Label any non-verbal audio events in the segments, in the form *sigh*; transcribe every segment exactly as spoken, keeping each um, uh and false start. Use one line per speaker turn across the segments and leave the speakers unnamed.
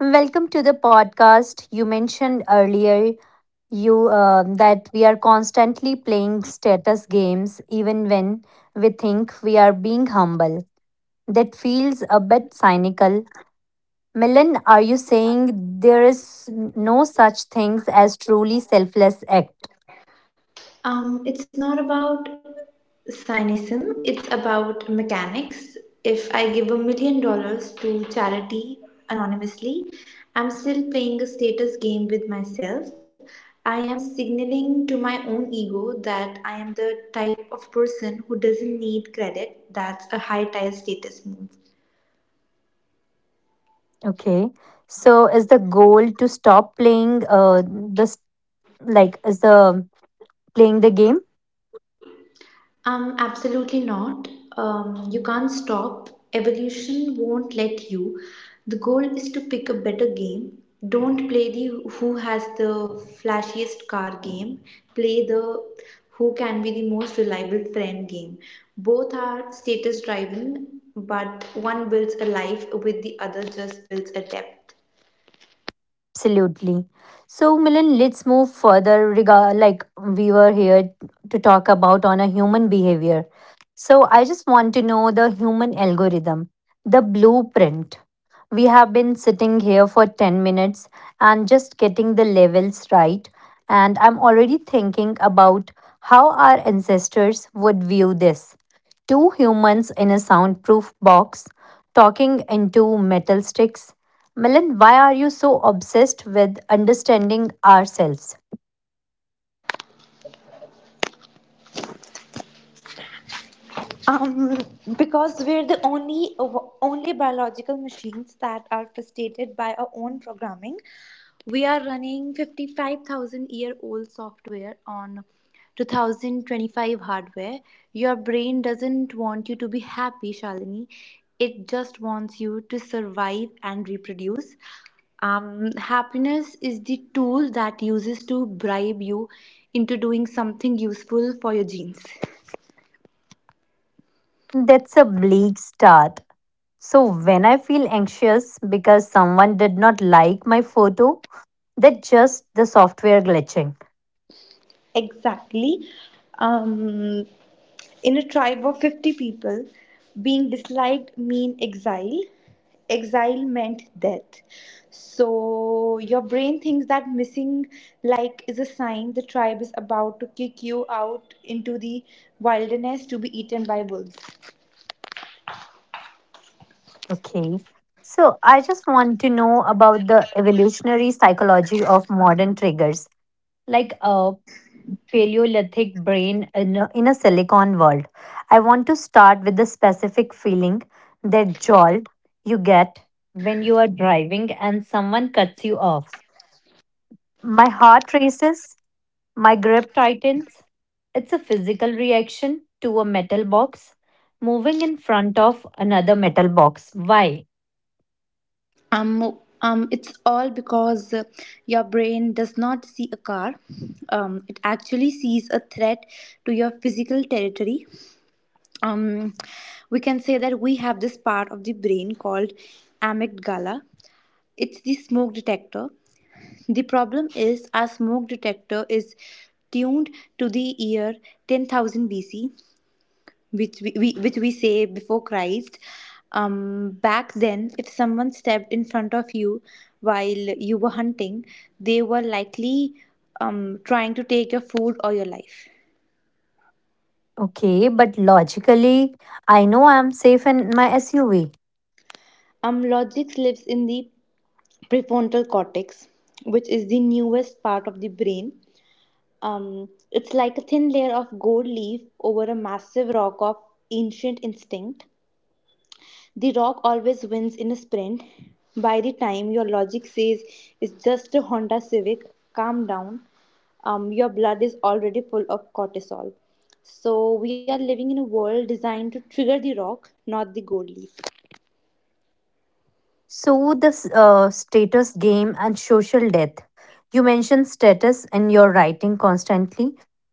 Welcome to the podcast. You mentioned earlier you uh, that we are constantly playing status games even when we think we are being humble. That feels a bit cynical. Milan, are you saying there is no such things as truly selfless act?
Um, it's not about cynicism, it's about mechanics. If I give a million dollars to charity anonymously, I'm still playing a status game with myself. I am signaling to my own ego that I am the type of person who doesn't need credit. That's a high tier status move.
Okay. So is the goal to stop playing uh, this, like is the playing the game?
Um, absolutely not. Um, you can't stop. Evolution won't let you. The goal is to pick a better game. Don't play the who has the flashiest car game. Play the who can be the most reliable friend game. Both are status driven, but one builds a life with the other just builds a depth.
Absolutely. So, Milan, let's move further. Regard like we were here to talk about on a human behavior. So, I just want to know the human algorithm, the blueprint. We have been sitting here for ten minutes and just getting the levels right. And I'm already thinking about how our ancestors would view this. Two humans in a soundproof box talking into metal sticks. Milan, why are you so obsessed with understanding ourselves?
Um, because we're the only only biological machines that are frustrated by our own programming. We are running fifty-five thousand year old software on two thousand twenty-five hardware. Your brain doesn't want you to be happy, Shalini. It just wants you to survive and reproduce. Um, happiness is the tool that uses to bribe you into doing something useful for your genes.
That's a bleak start. So, when I feel anxious because someone did not like my photo, that's just the software glitching.
Exactly. Um, in a tribe of fifty people, being disliked mean exile. Exile meant death. So your brain thinks that missing like is a sign the tribe is about to kick you out into the wilderness to be eaten by wolves.
Okay. So I just want to know about the evolutionary psychology of modern triggers, like a Paleolithic brain in a, in a silicon world. I want to start with the specific feeling, that jolt you get when you are driving and someone cuts you off. My heart races, my grip tightens. It's a physical reaction to a metal box moving in front of another metal box. Why?
Um, um, it's all because uh, your brain does not see a car. Um, it actually sees a threat to your physical territory. um, we can say that we have this part of the brain called amygdala. It's the smoke detector. The problem is our smoke detector is tuned to the year ten thousand B C, which we, we, which we say before Christ. Um, back then, if someone stepped in front of you while you were hunting, they were likely um, trying to take your food or your life.
Okay, but logically, I know I'm safe in my S U V.
Um, logic lives in the prefrontal cortex, which is the newest part of the brain. Um, it's like a thin layer of gold leaf over a massive rock of ancient instinct. The rock always wins in a sprint. By the time your logic says it's just a Honda Civic, calm down, um, your blood is already full of cortisol. So, we are living in a world designed to trigger the rock, not the gold leaf.
So, this uh, status game and social death. You mention status in your writing constantly.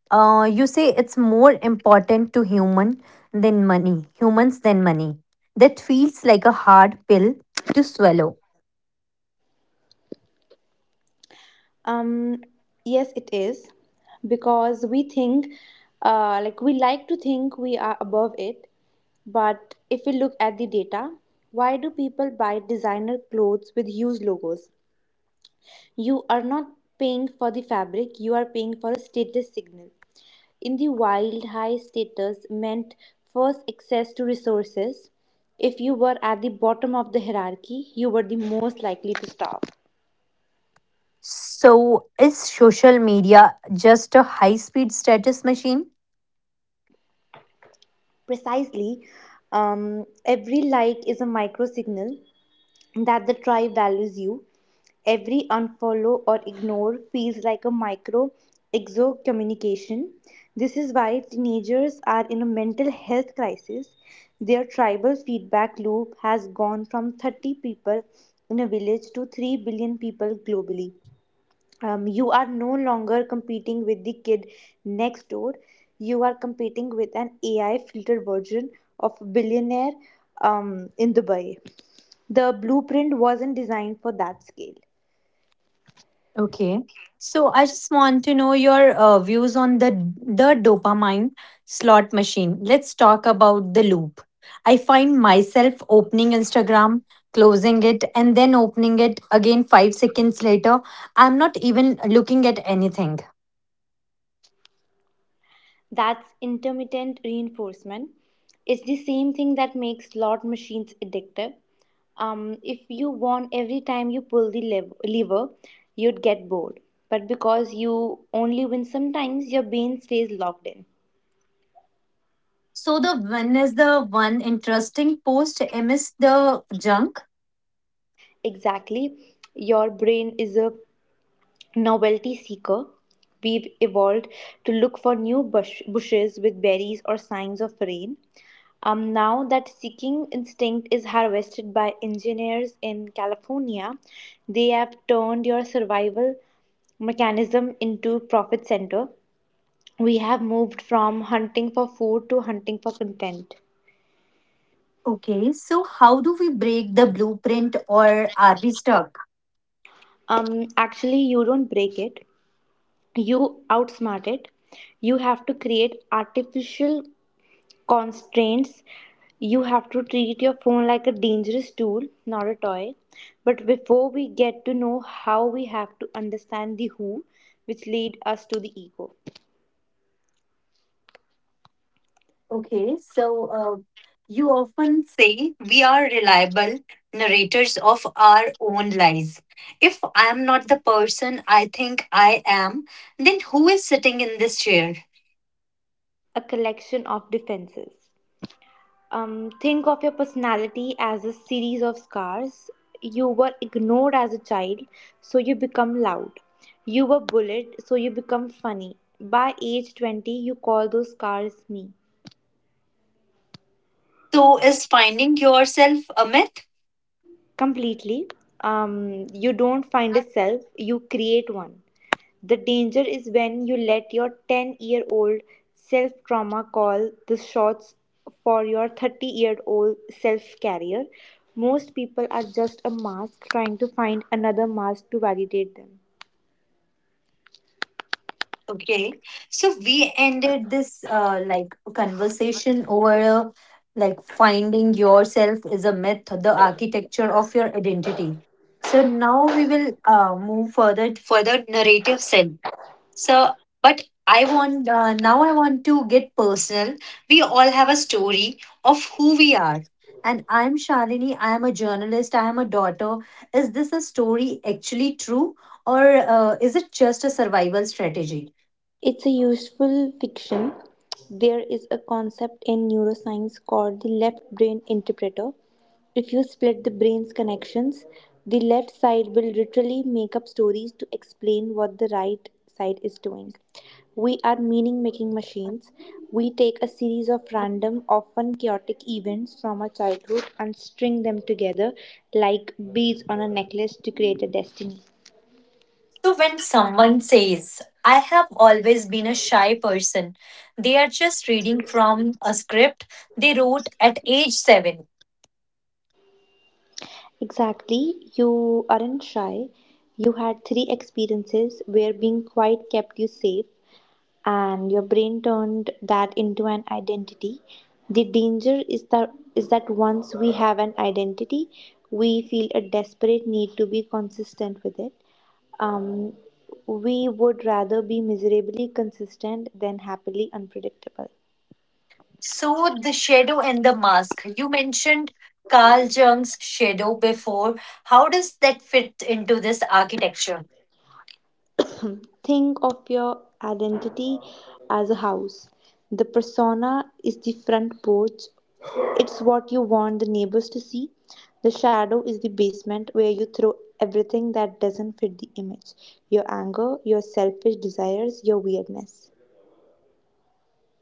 Uh, you say it's more important to human than money, humans than money. That feels like a hard pill to swallow.
Um, yes, it is because we think, uh, like we like to think we are above it. But if we look at the data, why do people buy designer clothes with huge logos? You are not paying for the fabric, you are paying for a status signal. In the wild, high status meant first access to resources. If you were at the bottom of the hierarchy, you were the most likely to starve.
So, is social media just a high speed status machine?
Precisely, um, every like is a micro signal that the tribe values you. Every unfollow or ignore feels like a micro exo communication. This is why teenagers are in a mental health crisis. Their tribal feedback loop has gone from thirty people in a village to three billion people globally. Um, you are no longer competing with the kid next door. You are competing with an ai filtered version of billionaire um, in dubai. The blueprint wasn't designed for that scale.
Okay. So I just want to know your uh, views on the the dopamine slot machine. Let's talk about the loop. I find myself opening Instagram, closing it, and then opening it again five seconds later. I'm not even looking at anything.
That's intermittent reinforcement. It's the same thing that makes slot machines addictive. Um, if you won every time you pull the lev- lever, you'd get bored. But because you only win sometimes, your brain stays locked in.
So the one is the one interesting post amidst the junk.
Exactly. Your brain is a novelty seeker. We've evolved to look for new bush- bushes with berries or signs of rain. Um, now that seeking instinct is harvested by engineers in California. They have turned your survival mechanism into profit center. We have moved from hunting for food to hunting for content.
Okay, so how do we break the blueprint, or are we stuck?
Um, actually, you don't break it. You outsmart it. You have to create artificial constraints. You have to treat your phone like a dangerous tool, not a toy. But before we get to know how, we have to understand the who, which lead us to the ego.
Okay, so uh, you often say we are reliable narrators of our own lies. If I am not the person I think I am, then who is sitting in this chair?
A collection of defenses. Um, think of your personality as a series of scars. You were ignored as a child, so you become loud. You were bullied, so you become funny. By age twenty, you call those scars me.
So, is finding yourself a myth?
Completely. Um, you don't find a self, you create one. The danger is when you let your ten year old self trauma call the shots for your thirty year old self career. Most people are just a mask trying to find another mask to validate them.
Okay, so we ended this uh, like conversation over uh, like finding yourself is a myth, the architecture of your identity. So now we will uh, move further for the narrative self. So, but I want uh, now I want to get personal. We all have a story of who we are, and I'm Shalini. I am a journalist. I am a daughter. Is this a story actually true, or uh, is it just a survival strategy?
It's a useful fiction. There is a concept in neuroscience called the left brain interpreter. If you split the brain's connections, the left side will literally make up stories to explain what the right side is doing. We are meaning making machines. We take a series of random, often chaotic events from our childhood and string them together like beads on a necklace to create a destiny.
So, when someone says, "I have always been a shy person," they are just reading from a script they wrote at age seven.
Exactly, you aren't shy. You had three experiences where being quiet kept you safe, and your brain turned that into an identity. The danger is that is that once we have an identity, we feel a desperate need to be consistent with it. Um, we would rather be miserably consistent than happily unpredictable.
So, The Shadow and the Mask, you mentioned Carl Jung's shadow before. How does that fit into this architecture?
Think of your identity as a house. The persona is the front porch, it's what you want the neighbors to see. The shadow is the basement where you throw everything that doesn't fit the image, your anger, your selfish desires, your weirdness.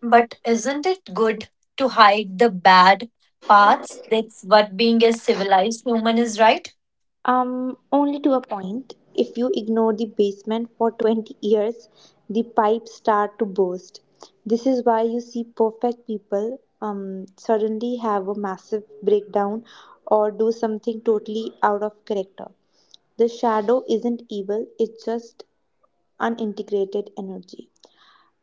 But isn't it good to hide the bad parts? That's what being a civilized human is, right?
Um, only to a point. If you ignore the basement for twenty years, the pipes start to burst. This is why you see perfect people um, suddenly have a massive breakdown or do something totally out of character. The shadow isn't evil, it's just unintegrated energy.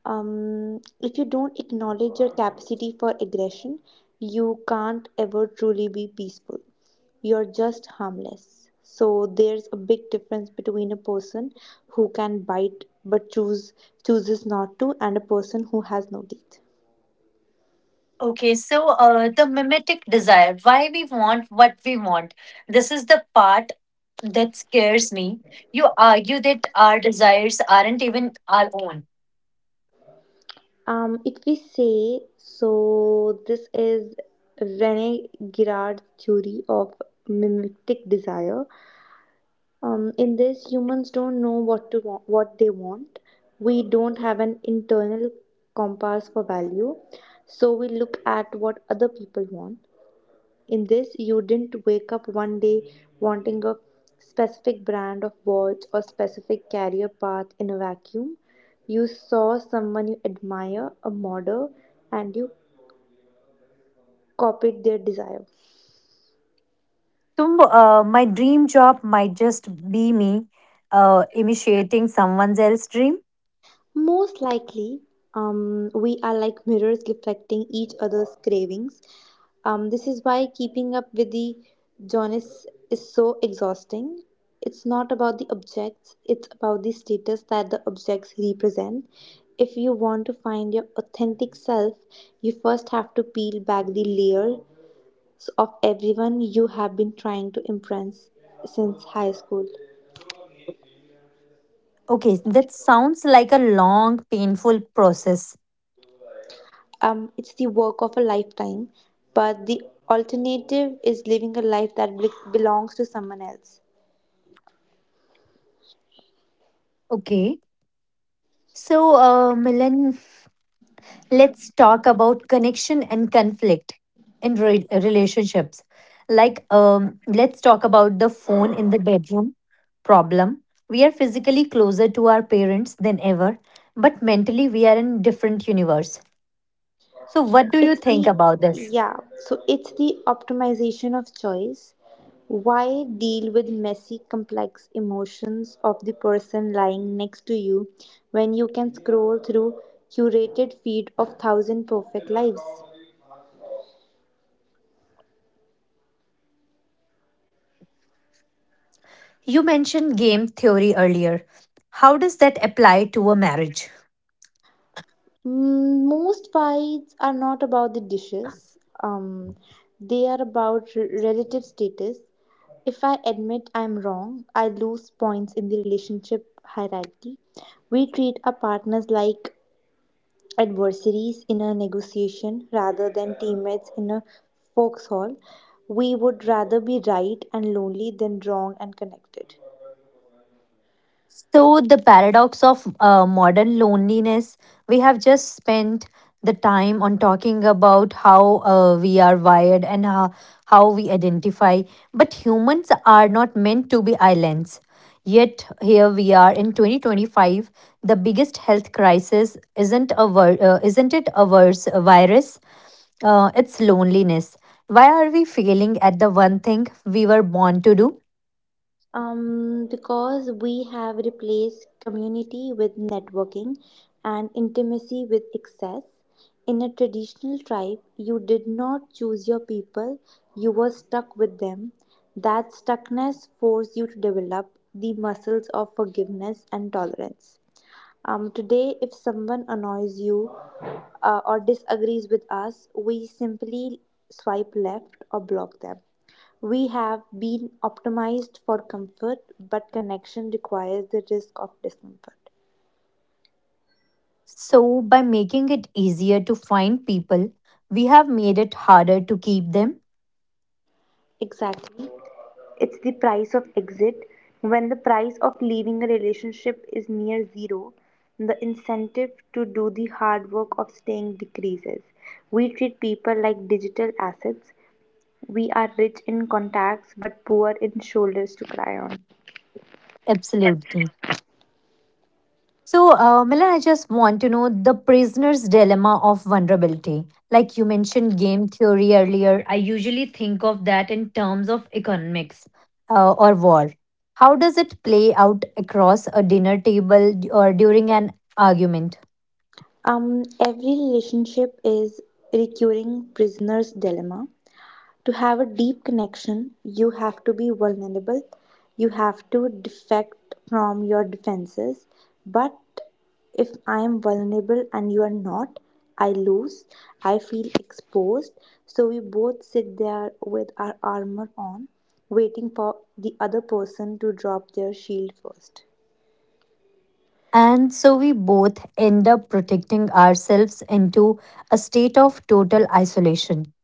Um, if you don't acknowledge your capacity for aggression, you can't ever truly be peaceful, you're just harmless. So there's a big difference between a person who can bite but choose chooses not to, and a person who has no teeth.
Okay, so uh, the mimetic desire, why we want what we want. This is the part that scares me. You argue that our desires aren't even our own.
Um, if we say so, this is Rene Girard's theory of mimetic desire. Um, in this, humans don't know what to wa- what they want. We don't have an internal compass for value, so we look at what other people want. In this, you didn't wake up one day wanting a specific brand of watch or specific career path in a vacuum. You saw someone you admire, a model, and you copied their desire.
So, uh, my dream job might just be me uh, initiating someone else's dream.
Most likely, um, we are like mirrors reflecting each other's cravings. Um, this is why keeping up with the Jonas is so exhausting. It's not about the objects, it's about the status that the objects represent. If you want to find your authentic self, you first have to peel back the layers of everyone you have been trying to impress since high school.
Okay, that sounds like a long, painful process.
Um, it's the work of a lifetime, but the alternative is living a life that bel- belongs to someone else.
Okay. So, uh, Milan, let's talk about connection and conflict in re- relationships. Like, um, let's talk about the phone in the bedroom problem. We are physically closer to our parents than ever, but mentally we are in different universe. So, what do you
It's
think
the
about this?
yeah, so it's the optimization of choice. Why deal with messy, complex emotions of the person lying next to you when you can scroll through curated feed of thousand perfect lives?
You mentioned game theory earlier. How does that apply to a marriage?
Mm, most fights are not about the dishes. Um, they are about r- relative status. If I admit I'm wrong, I lose points in the relationship hierarchy. We treat our partners like adversaries in a negotiation rather than teammates in a foxhole. We would rather be right and lonely than wrong and connected.
So, the paradox of uh, modern loneliness, we have just spent the time on talking about how uh, we are wired and how, how we identify. But humans are not meant to be islands. Yet, here we are in twenty twenty-five. The biggest health crisis isn't, a vir- uh, isn't it a vers- a virus? Uh, it's loneliness. Why are we failing at the one thing we were born to do?
Um, because we have replaced community with networking and intimacy with excess. In a traditional tribe, you did not choose your people, you were stuck with them. That stuckness forced you to develop the muscles of forgiveness and tolerance. Um, today, if someone annoys you uh, or disagrees with us, we simply swipe left or block them. We have been optimized for comfort, but connection requires the risk of discomfort.
So, by making it easier to find people, we have made it harder to keep them?
Exactly. It's the price of exit. When the price of leaving a relationship is near zero, the incentive to do the hard work of staying decreases. We treat people like digital assets. We are rich in contacts but poor in shoulders to cry on.
Absolutely. So, uh, Milan, I just want to know the prisoner's dilemma of vulnerability. Like you mentioned game theory earlier, I usually think of that in terms of economics uh, or war. How does it play out across a dinner table d- or during an argument?
Um, every relationship is recurring prisoner's dilemma. To have a deep connection, you have to be vulnerable. You have to defect from your defenses. But if I am vulnerable and you are not, I lose. I feel exposed. So we both sit there with our armor on, waiting for the other person to drop their shield first.
And so we both end up protecting ourselves into a state of total isolation.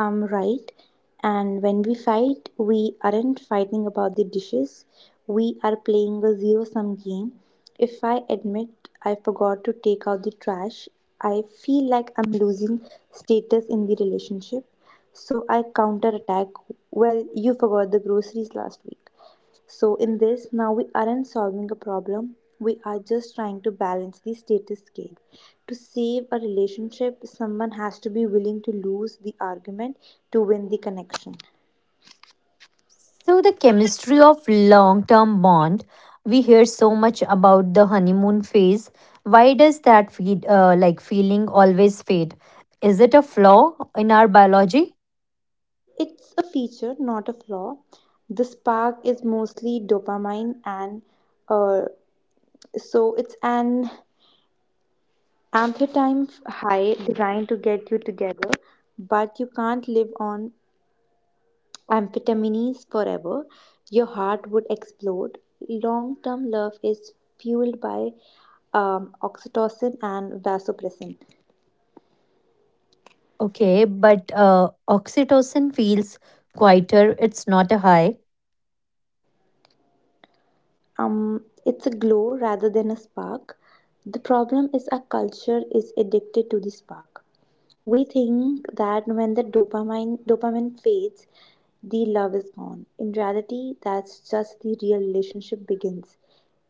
Um, right. And when we fight, we aren't fighting about the dishes. We are playing a zero sum game. If I admit I forgot to take out the trash, I feel like I'm losing status in the relationship. So I counterattack. Well, you forgot the groceries last week. So, in this, now we aren't solving a problem, we are just trying to balance the status scale. To save a relationship, someone has to be willing to lose the argument to win the connection.
So the chemistry of long-term bond, we hear so much about the honeymoon phase. Why does that feed, uh, like feeling always fade? Is it a flaw in our biology?
It's a feature, not a flaw. The spark is mostly dopamine, and uh, so it's an amphetamine high designed to get you together, but you can't live on amphetamines forever. Your heart would explode. Long term love is fueled by um, oxytocin and vasopressin.
Okay, but uh, oxytocin feels quieter. It's not a high.
Um, it's a glow rather than a spark. The problem is our culture is addicted to the spark. We think that when the dopamine dopamine fades, the love is gone. In reality, that's just the real relationship begins.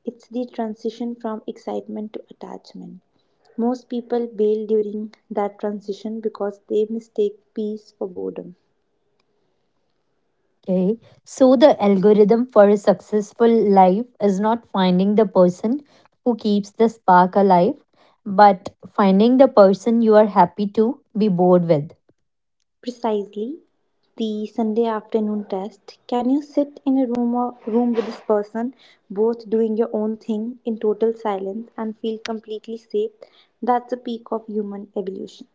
It's the transition from excitement to attachment. Most people bail during that transition because they mistake peace for boredom.
Okay. So the algorithm for a successful life is not finding the person who keeps the spark alive, but finding the person you are happy to be bored with.
Precisely, the Sunday afternoon test. Can you sit in a room or room with this person, both doing your own thing in total silence and feel completely safe? That's the peak of human evolution.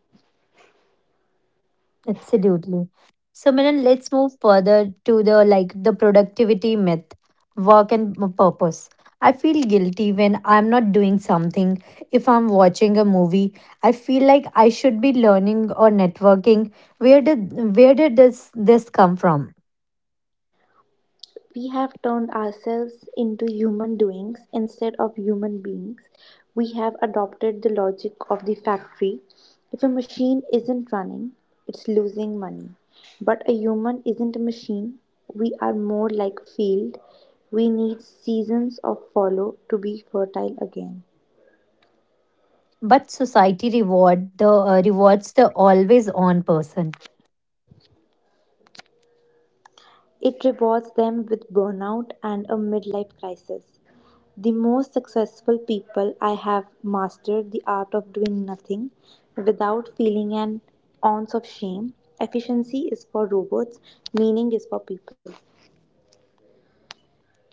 Absolutely. So Miran, let's move further to the like the productivity myth, work and m- purpose. I feel guilty when I'm not doing something. If I'm watching a movie, I feel like I should be learning or networking. Where did where did this this come from?
We have turned ourselves into human doings instead of human beings. We have adopted the logic of the factory. If a machine isn't running, it's losing money. But a human isn't a machine. We are more like a field. We need seasons of follow to be fertile again.
But society reward the uh, rewards the always on person.
It rewards them with burnout and a midlife crisis. The most successful people I have mastered the art of doing nothing without feeling an ounce of shame. Efficiency is for robots, meaning is for people.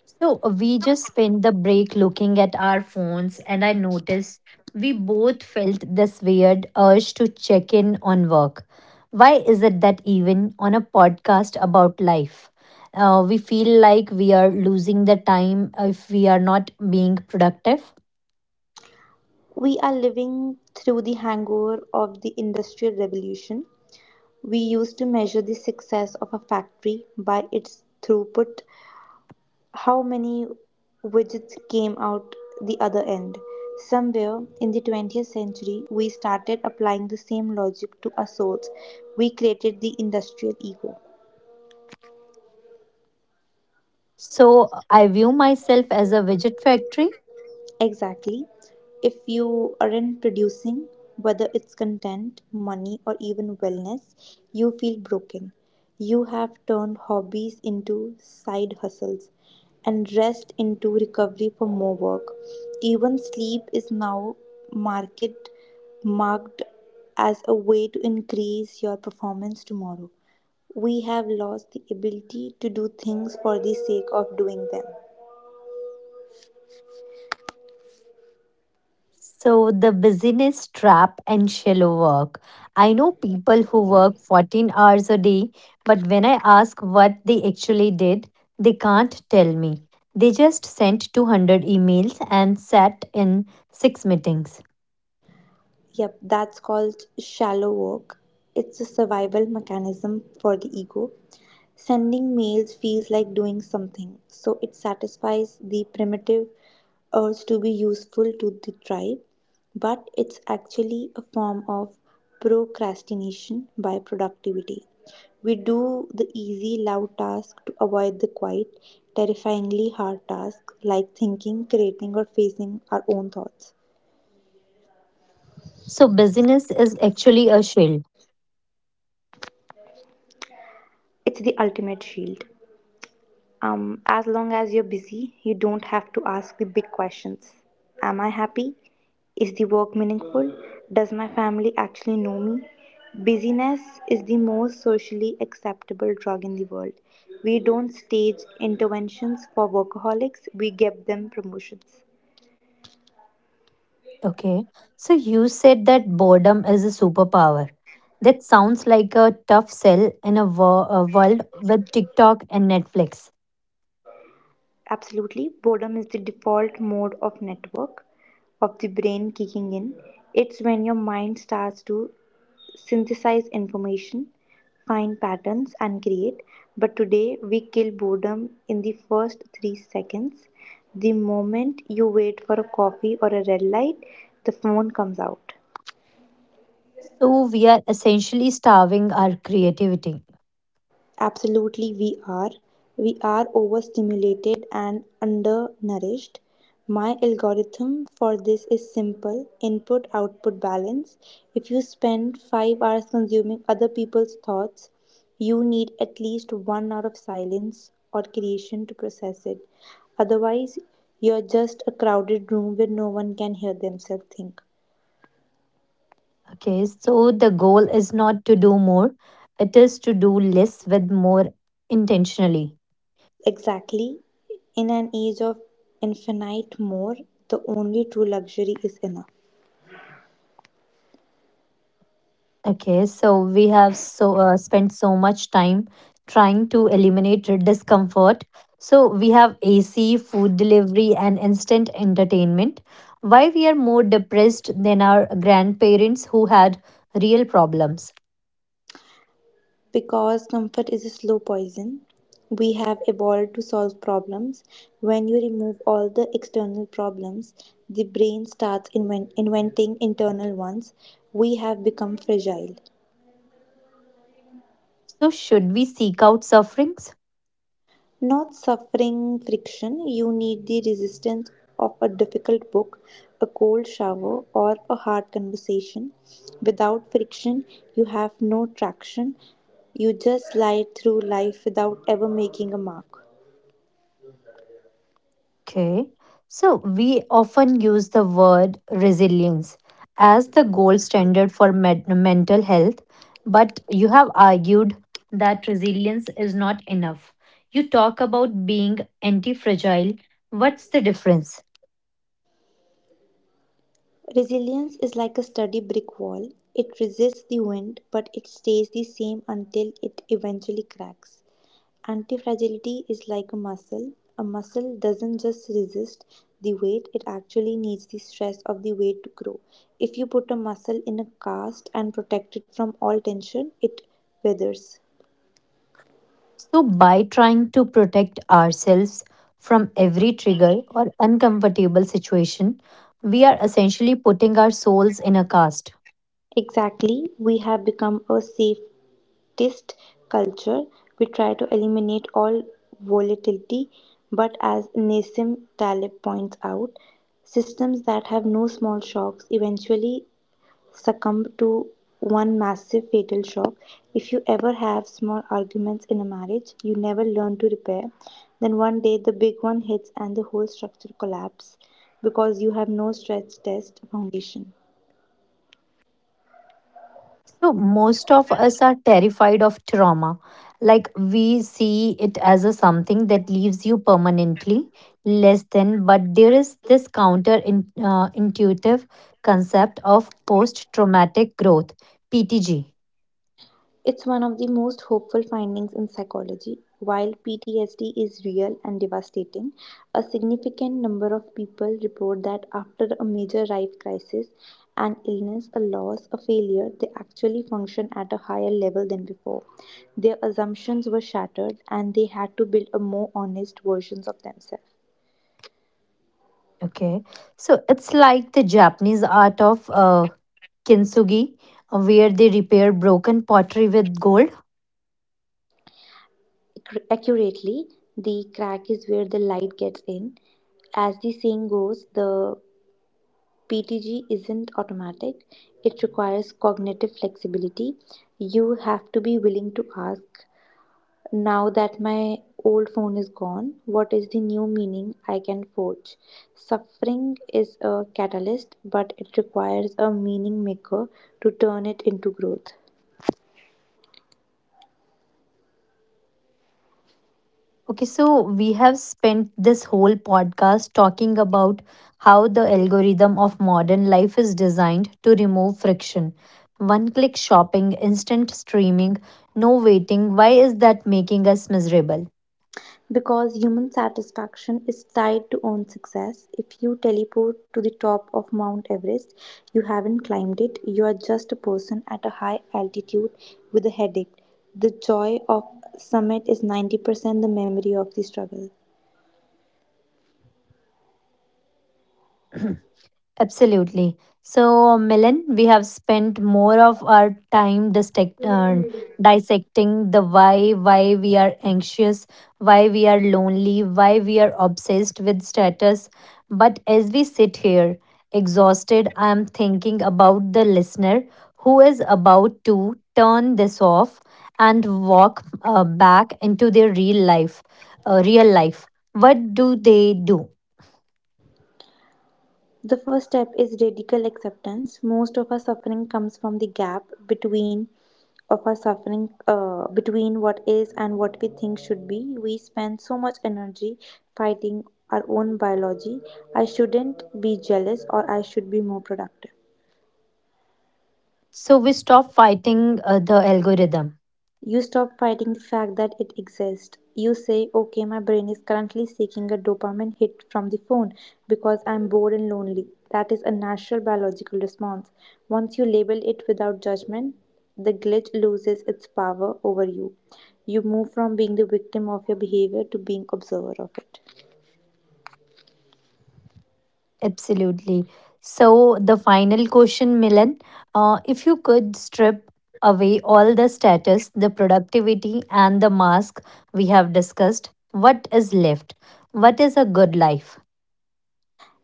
So uh, we just spent the break looking at our phones, and I noticed we both felt this weird urge to check in on work. Why is it that even on a podcast about life, uh, we feel like we are losing the time if we are not being productive?
We are living through the hangover of the Industrial Revolution. We used to measure the success of a factory by its throughput, how many widgets came out the other end. Somewhere in the twentieth century, we started applying the same logic to our souls. We created the industrial ego.
So I view myself as a widget factory.
Exactly. If you aren't producing, whether it's content, money, or even wellness, you feel broken. You have turned hobbies into side hustles and rest into recovery for more work. Even sleep is now market marked as a way to increase your performance tomorrow. We have lost the ability to do things for the sake of doing them.
So, the busyness trap and shallow work. I know people who work fourteen hours a day, but when I ask what they actually did, they can't tell me. They just sent two hundred emails and sat in six meetings.
Yep, that's called shallow work. It's a survival mechanism for the ego. Sending mails feels like doing something, so it satisfies the primitive urge to be useful to the tribe, but it's actually a form of procrastination by productivity. We do the easy, loud task to avoid the quiet, terrifyingly hard task like thinking, creating, or facing our own thoughts.
So, busyness is actually a shield.
It's the ultimate shield. Um, as long as you're busy, you don't have to ask the big questions. Am I happy? Is the work meaningful? Does my family actually know me? Busyness is the most socially acceptable drug in the world. We don't stage interventions for workaholics, we give them promotions.
Okay. So, you said that boredom is a superpower. That sounds like a tough sell in a, wo- a world with TikTok and Netflix.
Absolutely, boredom is the default mode of network of the brain kicking in. It's when your mind starts to synthesize information, find patterns, and create. But today, we kill boredom in the first three seconds. The moment you wait for a coffee or a red light, the phone comes out.
So we are essentially starving our creativity.
Absolutely, we are. We are overstimulated and undernourished. My algorithm for this is simple input output balance. If you spend five hours consuming other people's thoughts, you need at least one hour of silence or creation to process it. Otherwise, you're just a crowded room where no one can hear themselves think.
Okay, so the goal is not to do more, it is to do less with more intentionally.
Exactly. In an age of infinite more, the only true luxury is enough.
Okay, so we have so uh, spent so much time trying to eliminate discomfort. So we have A C, food delivery, and instant entertainment. Why we are more depressed than our grandparents who had real problems?
Because comfort is a slow poison, we have evolved to solve problems. When you remove all the external problems, the brain starts inven- inventing internal ones. We have become fragile.
So should we seek out suffering?
Not suffering, friction. You need the resistance of a difficult book, a cold shower, or a hard conversation. Without friction, you have no traction. You just slide through life without ever making a mark.
Okay. So we often use the word resilience as the gold standard for med- mental health, but you have argued that resilience is not enough. You talk about being anti fragile. What's the difference?
Resilience is like a sturdy brick wall. It resists the wind, but it stays the same until it eventually cracks. Antifragility is like a muscle. A muscle doesn't just resist the weight, it actually needs the stress of the weight to grow. If you put a muscle in a cast and protect it from all tension, it withers.
So, by trying to protect ourselves from every trigger or uncomfortable situation, we are essentially putting our souls in a cast.
Exactly, we have become a safe leftist culture. We try to eliminate all volatility, but as Nasim Taleb points out, systems that have no small shocks eventually succumb to one massive fatal shock. If you ever have small arguments in a marriage you never learn to repair, then one day the big one hits and the whole structure collapses because you have no stress test foundation.
So, most of us are terrified of trauma. Like, we see it as a something that leaves you permanently less than, but there is this counter in, uh, intuitive concept of post traumatic growth. P T G.
It's one of the most hopeful findings in psychology. While P T S D is real and devastating, a significant number of people report that after a major life crisis, an illness, a loss, a failure, they actually function at a higher level than before. Their assumptions were shattered and they had to build a more honest versions of themselves.
Okay. So it's like the Japanese art of uh, kintsugi, uh, where they repair broken pottery with gold.
Accu- Accurately, the crack is where the light gets in. As the saying goes, the P T G isn't automatic, it requires cognitive flexibility. You have to be willing to ask, now that my old phone is gone, what is the new meaning I can forge? Suffering is a catalyst, but it requires a meaning maker to turn it into growth.
Okay, so we have spent this whole podcast talking about how the algorithm of modern life is designed to remove friction. One click shopping, instant streaming, no waiting. Why is that making us miserable?
Because human satisfaction is tied to own success. If you teleport to the top of Mount Everest, you haven't climbed it, you are just a person at a high altitude with a headache. The joy of summit is ninety percent the memory of the struggle.
*clears throat* Absolutely. So, Milan, we have spent more of our time dissect, uh, dissecting the why, why we are anxious, why we are lonely, why we are obsessed with status. But as we sit here, exhausted, I am thinking about the listener who is about to turn this off and walk uh, back into their real life. Uh, real life. What do they do?
The first step is radical acceptance. Most of our suffering comes from the gap between of our suffering uh, between what is and what we think should be. We spend so much energy fighting our own biology. I shouldn't be jealous or I should be more productive.
So we stop fighting uh, the algorithm.
You stop fighting the fact that it exists. You say, okay, my brain is currently seeking a dopamine hit from the phone because I'm bored and lonely. That is a natural biological response. Once you label it without judgment, the glitch loses its power over you. You move from being the victim of your behavior to being observer of it.
Absolutely. So the final question, Milan, uh, if you could strip away all the status, the productivity, and the mask we have discussed, what is left? What is a good life?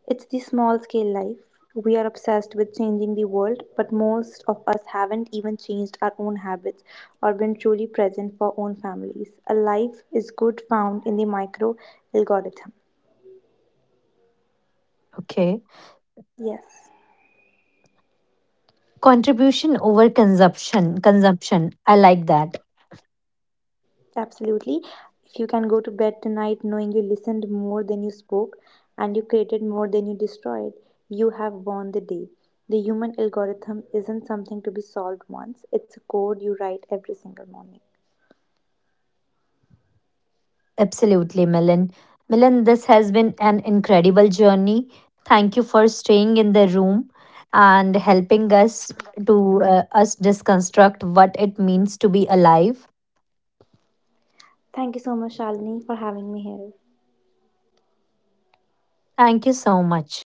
It's the small scale life. We are obsessed with changing the world, but most of us haven't even changed our own habits or been truly present for own families. A life is good found in the micro algorithm.
Okay.
Yes,
Contribution over consumption. Consumption. I like that.
absolutely. If you can go to bed tonight knowing you listened more than you spoke and you created more than you destroyed, you have won the day. The human algorithm isn't something to be solved once, it's a code you write every single morning.
Absolutely, Milan. Milan, this has been an incredible journey. Thank you for staying in the room and helping us to uh, us deconstruct what it means to be alive.
Thank you so much, Shalini, for having me here.
Thank you so much.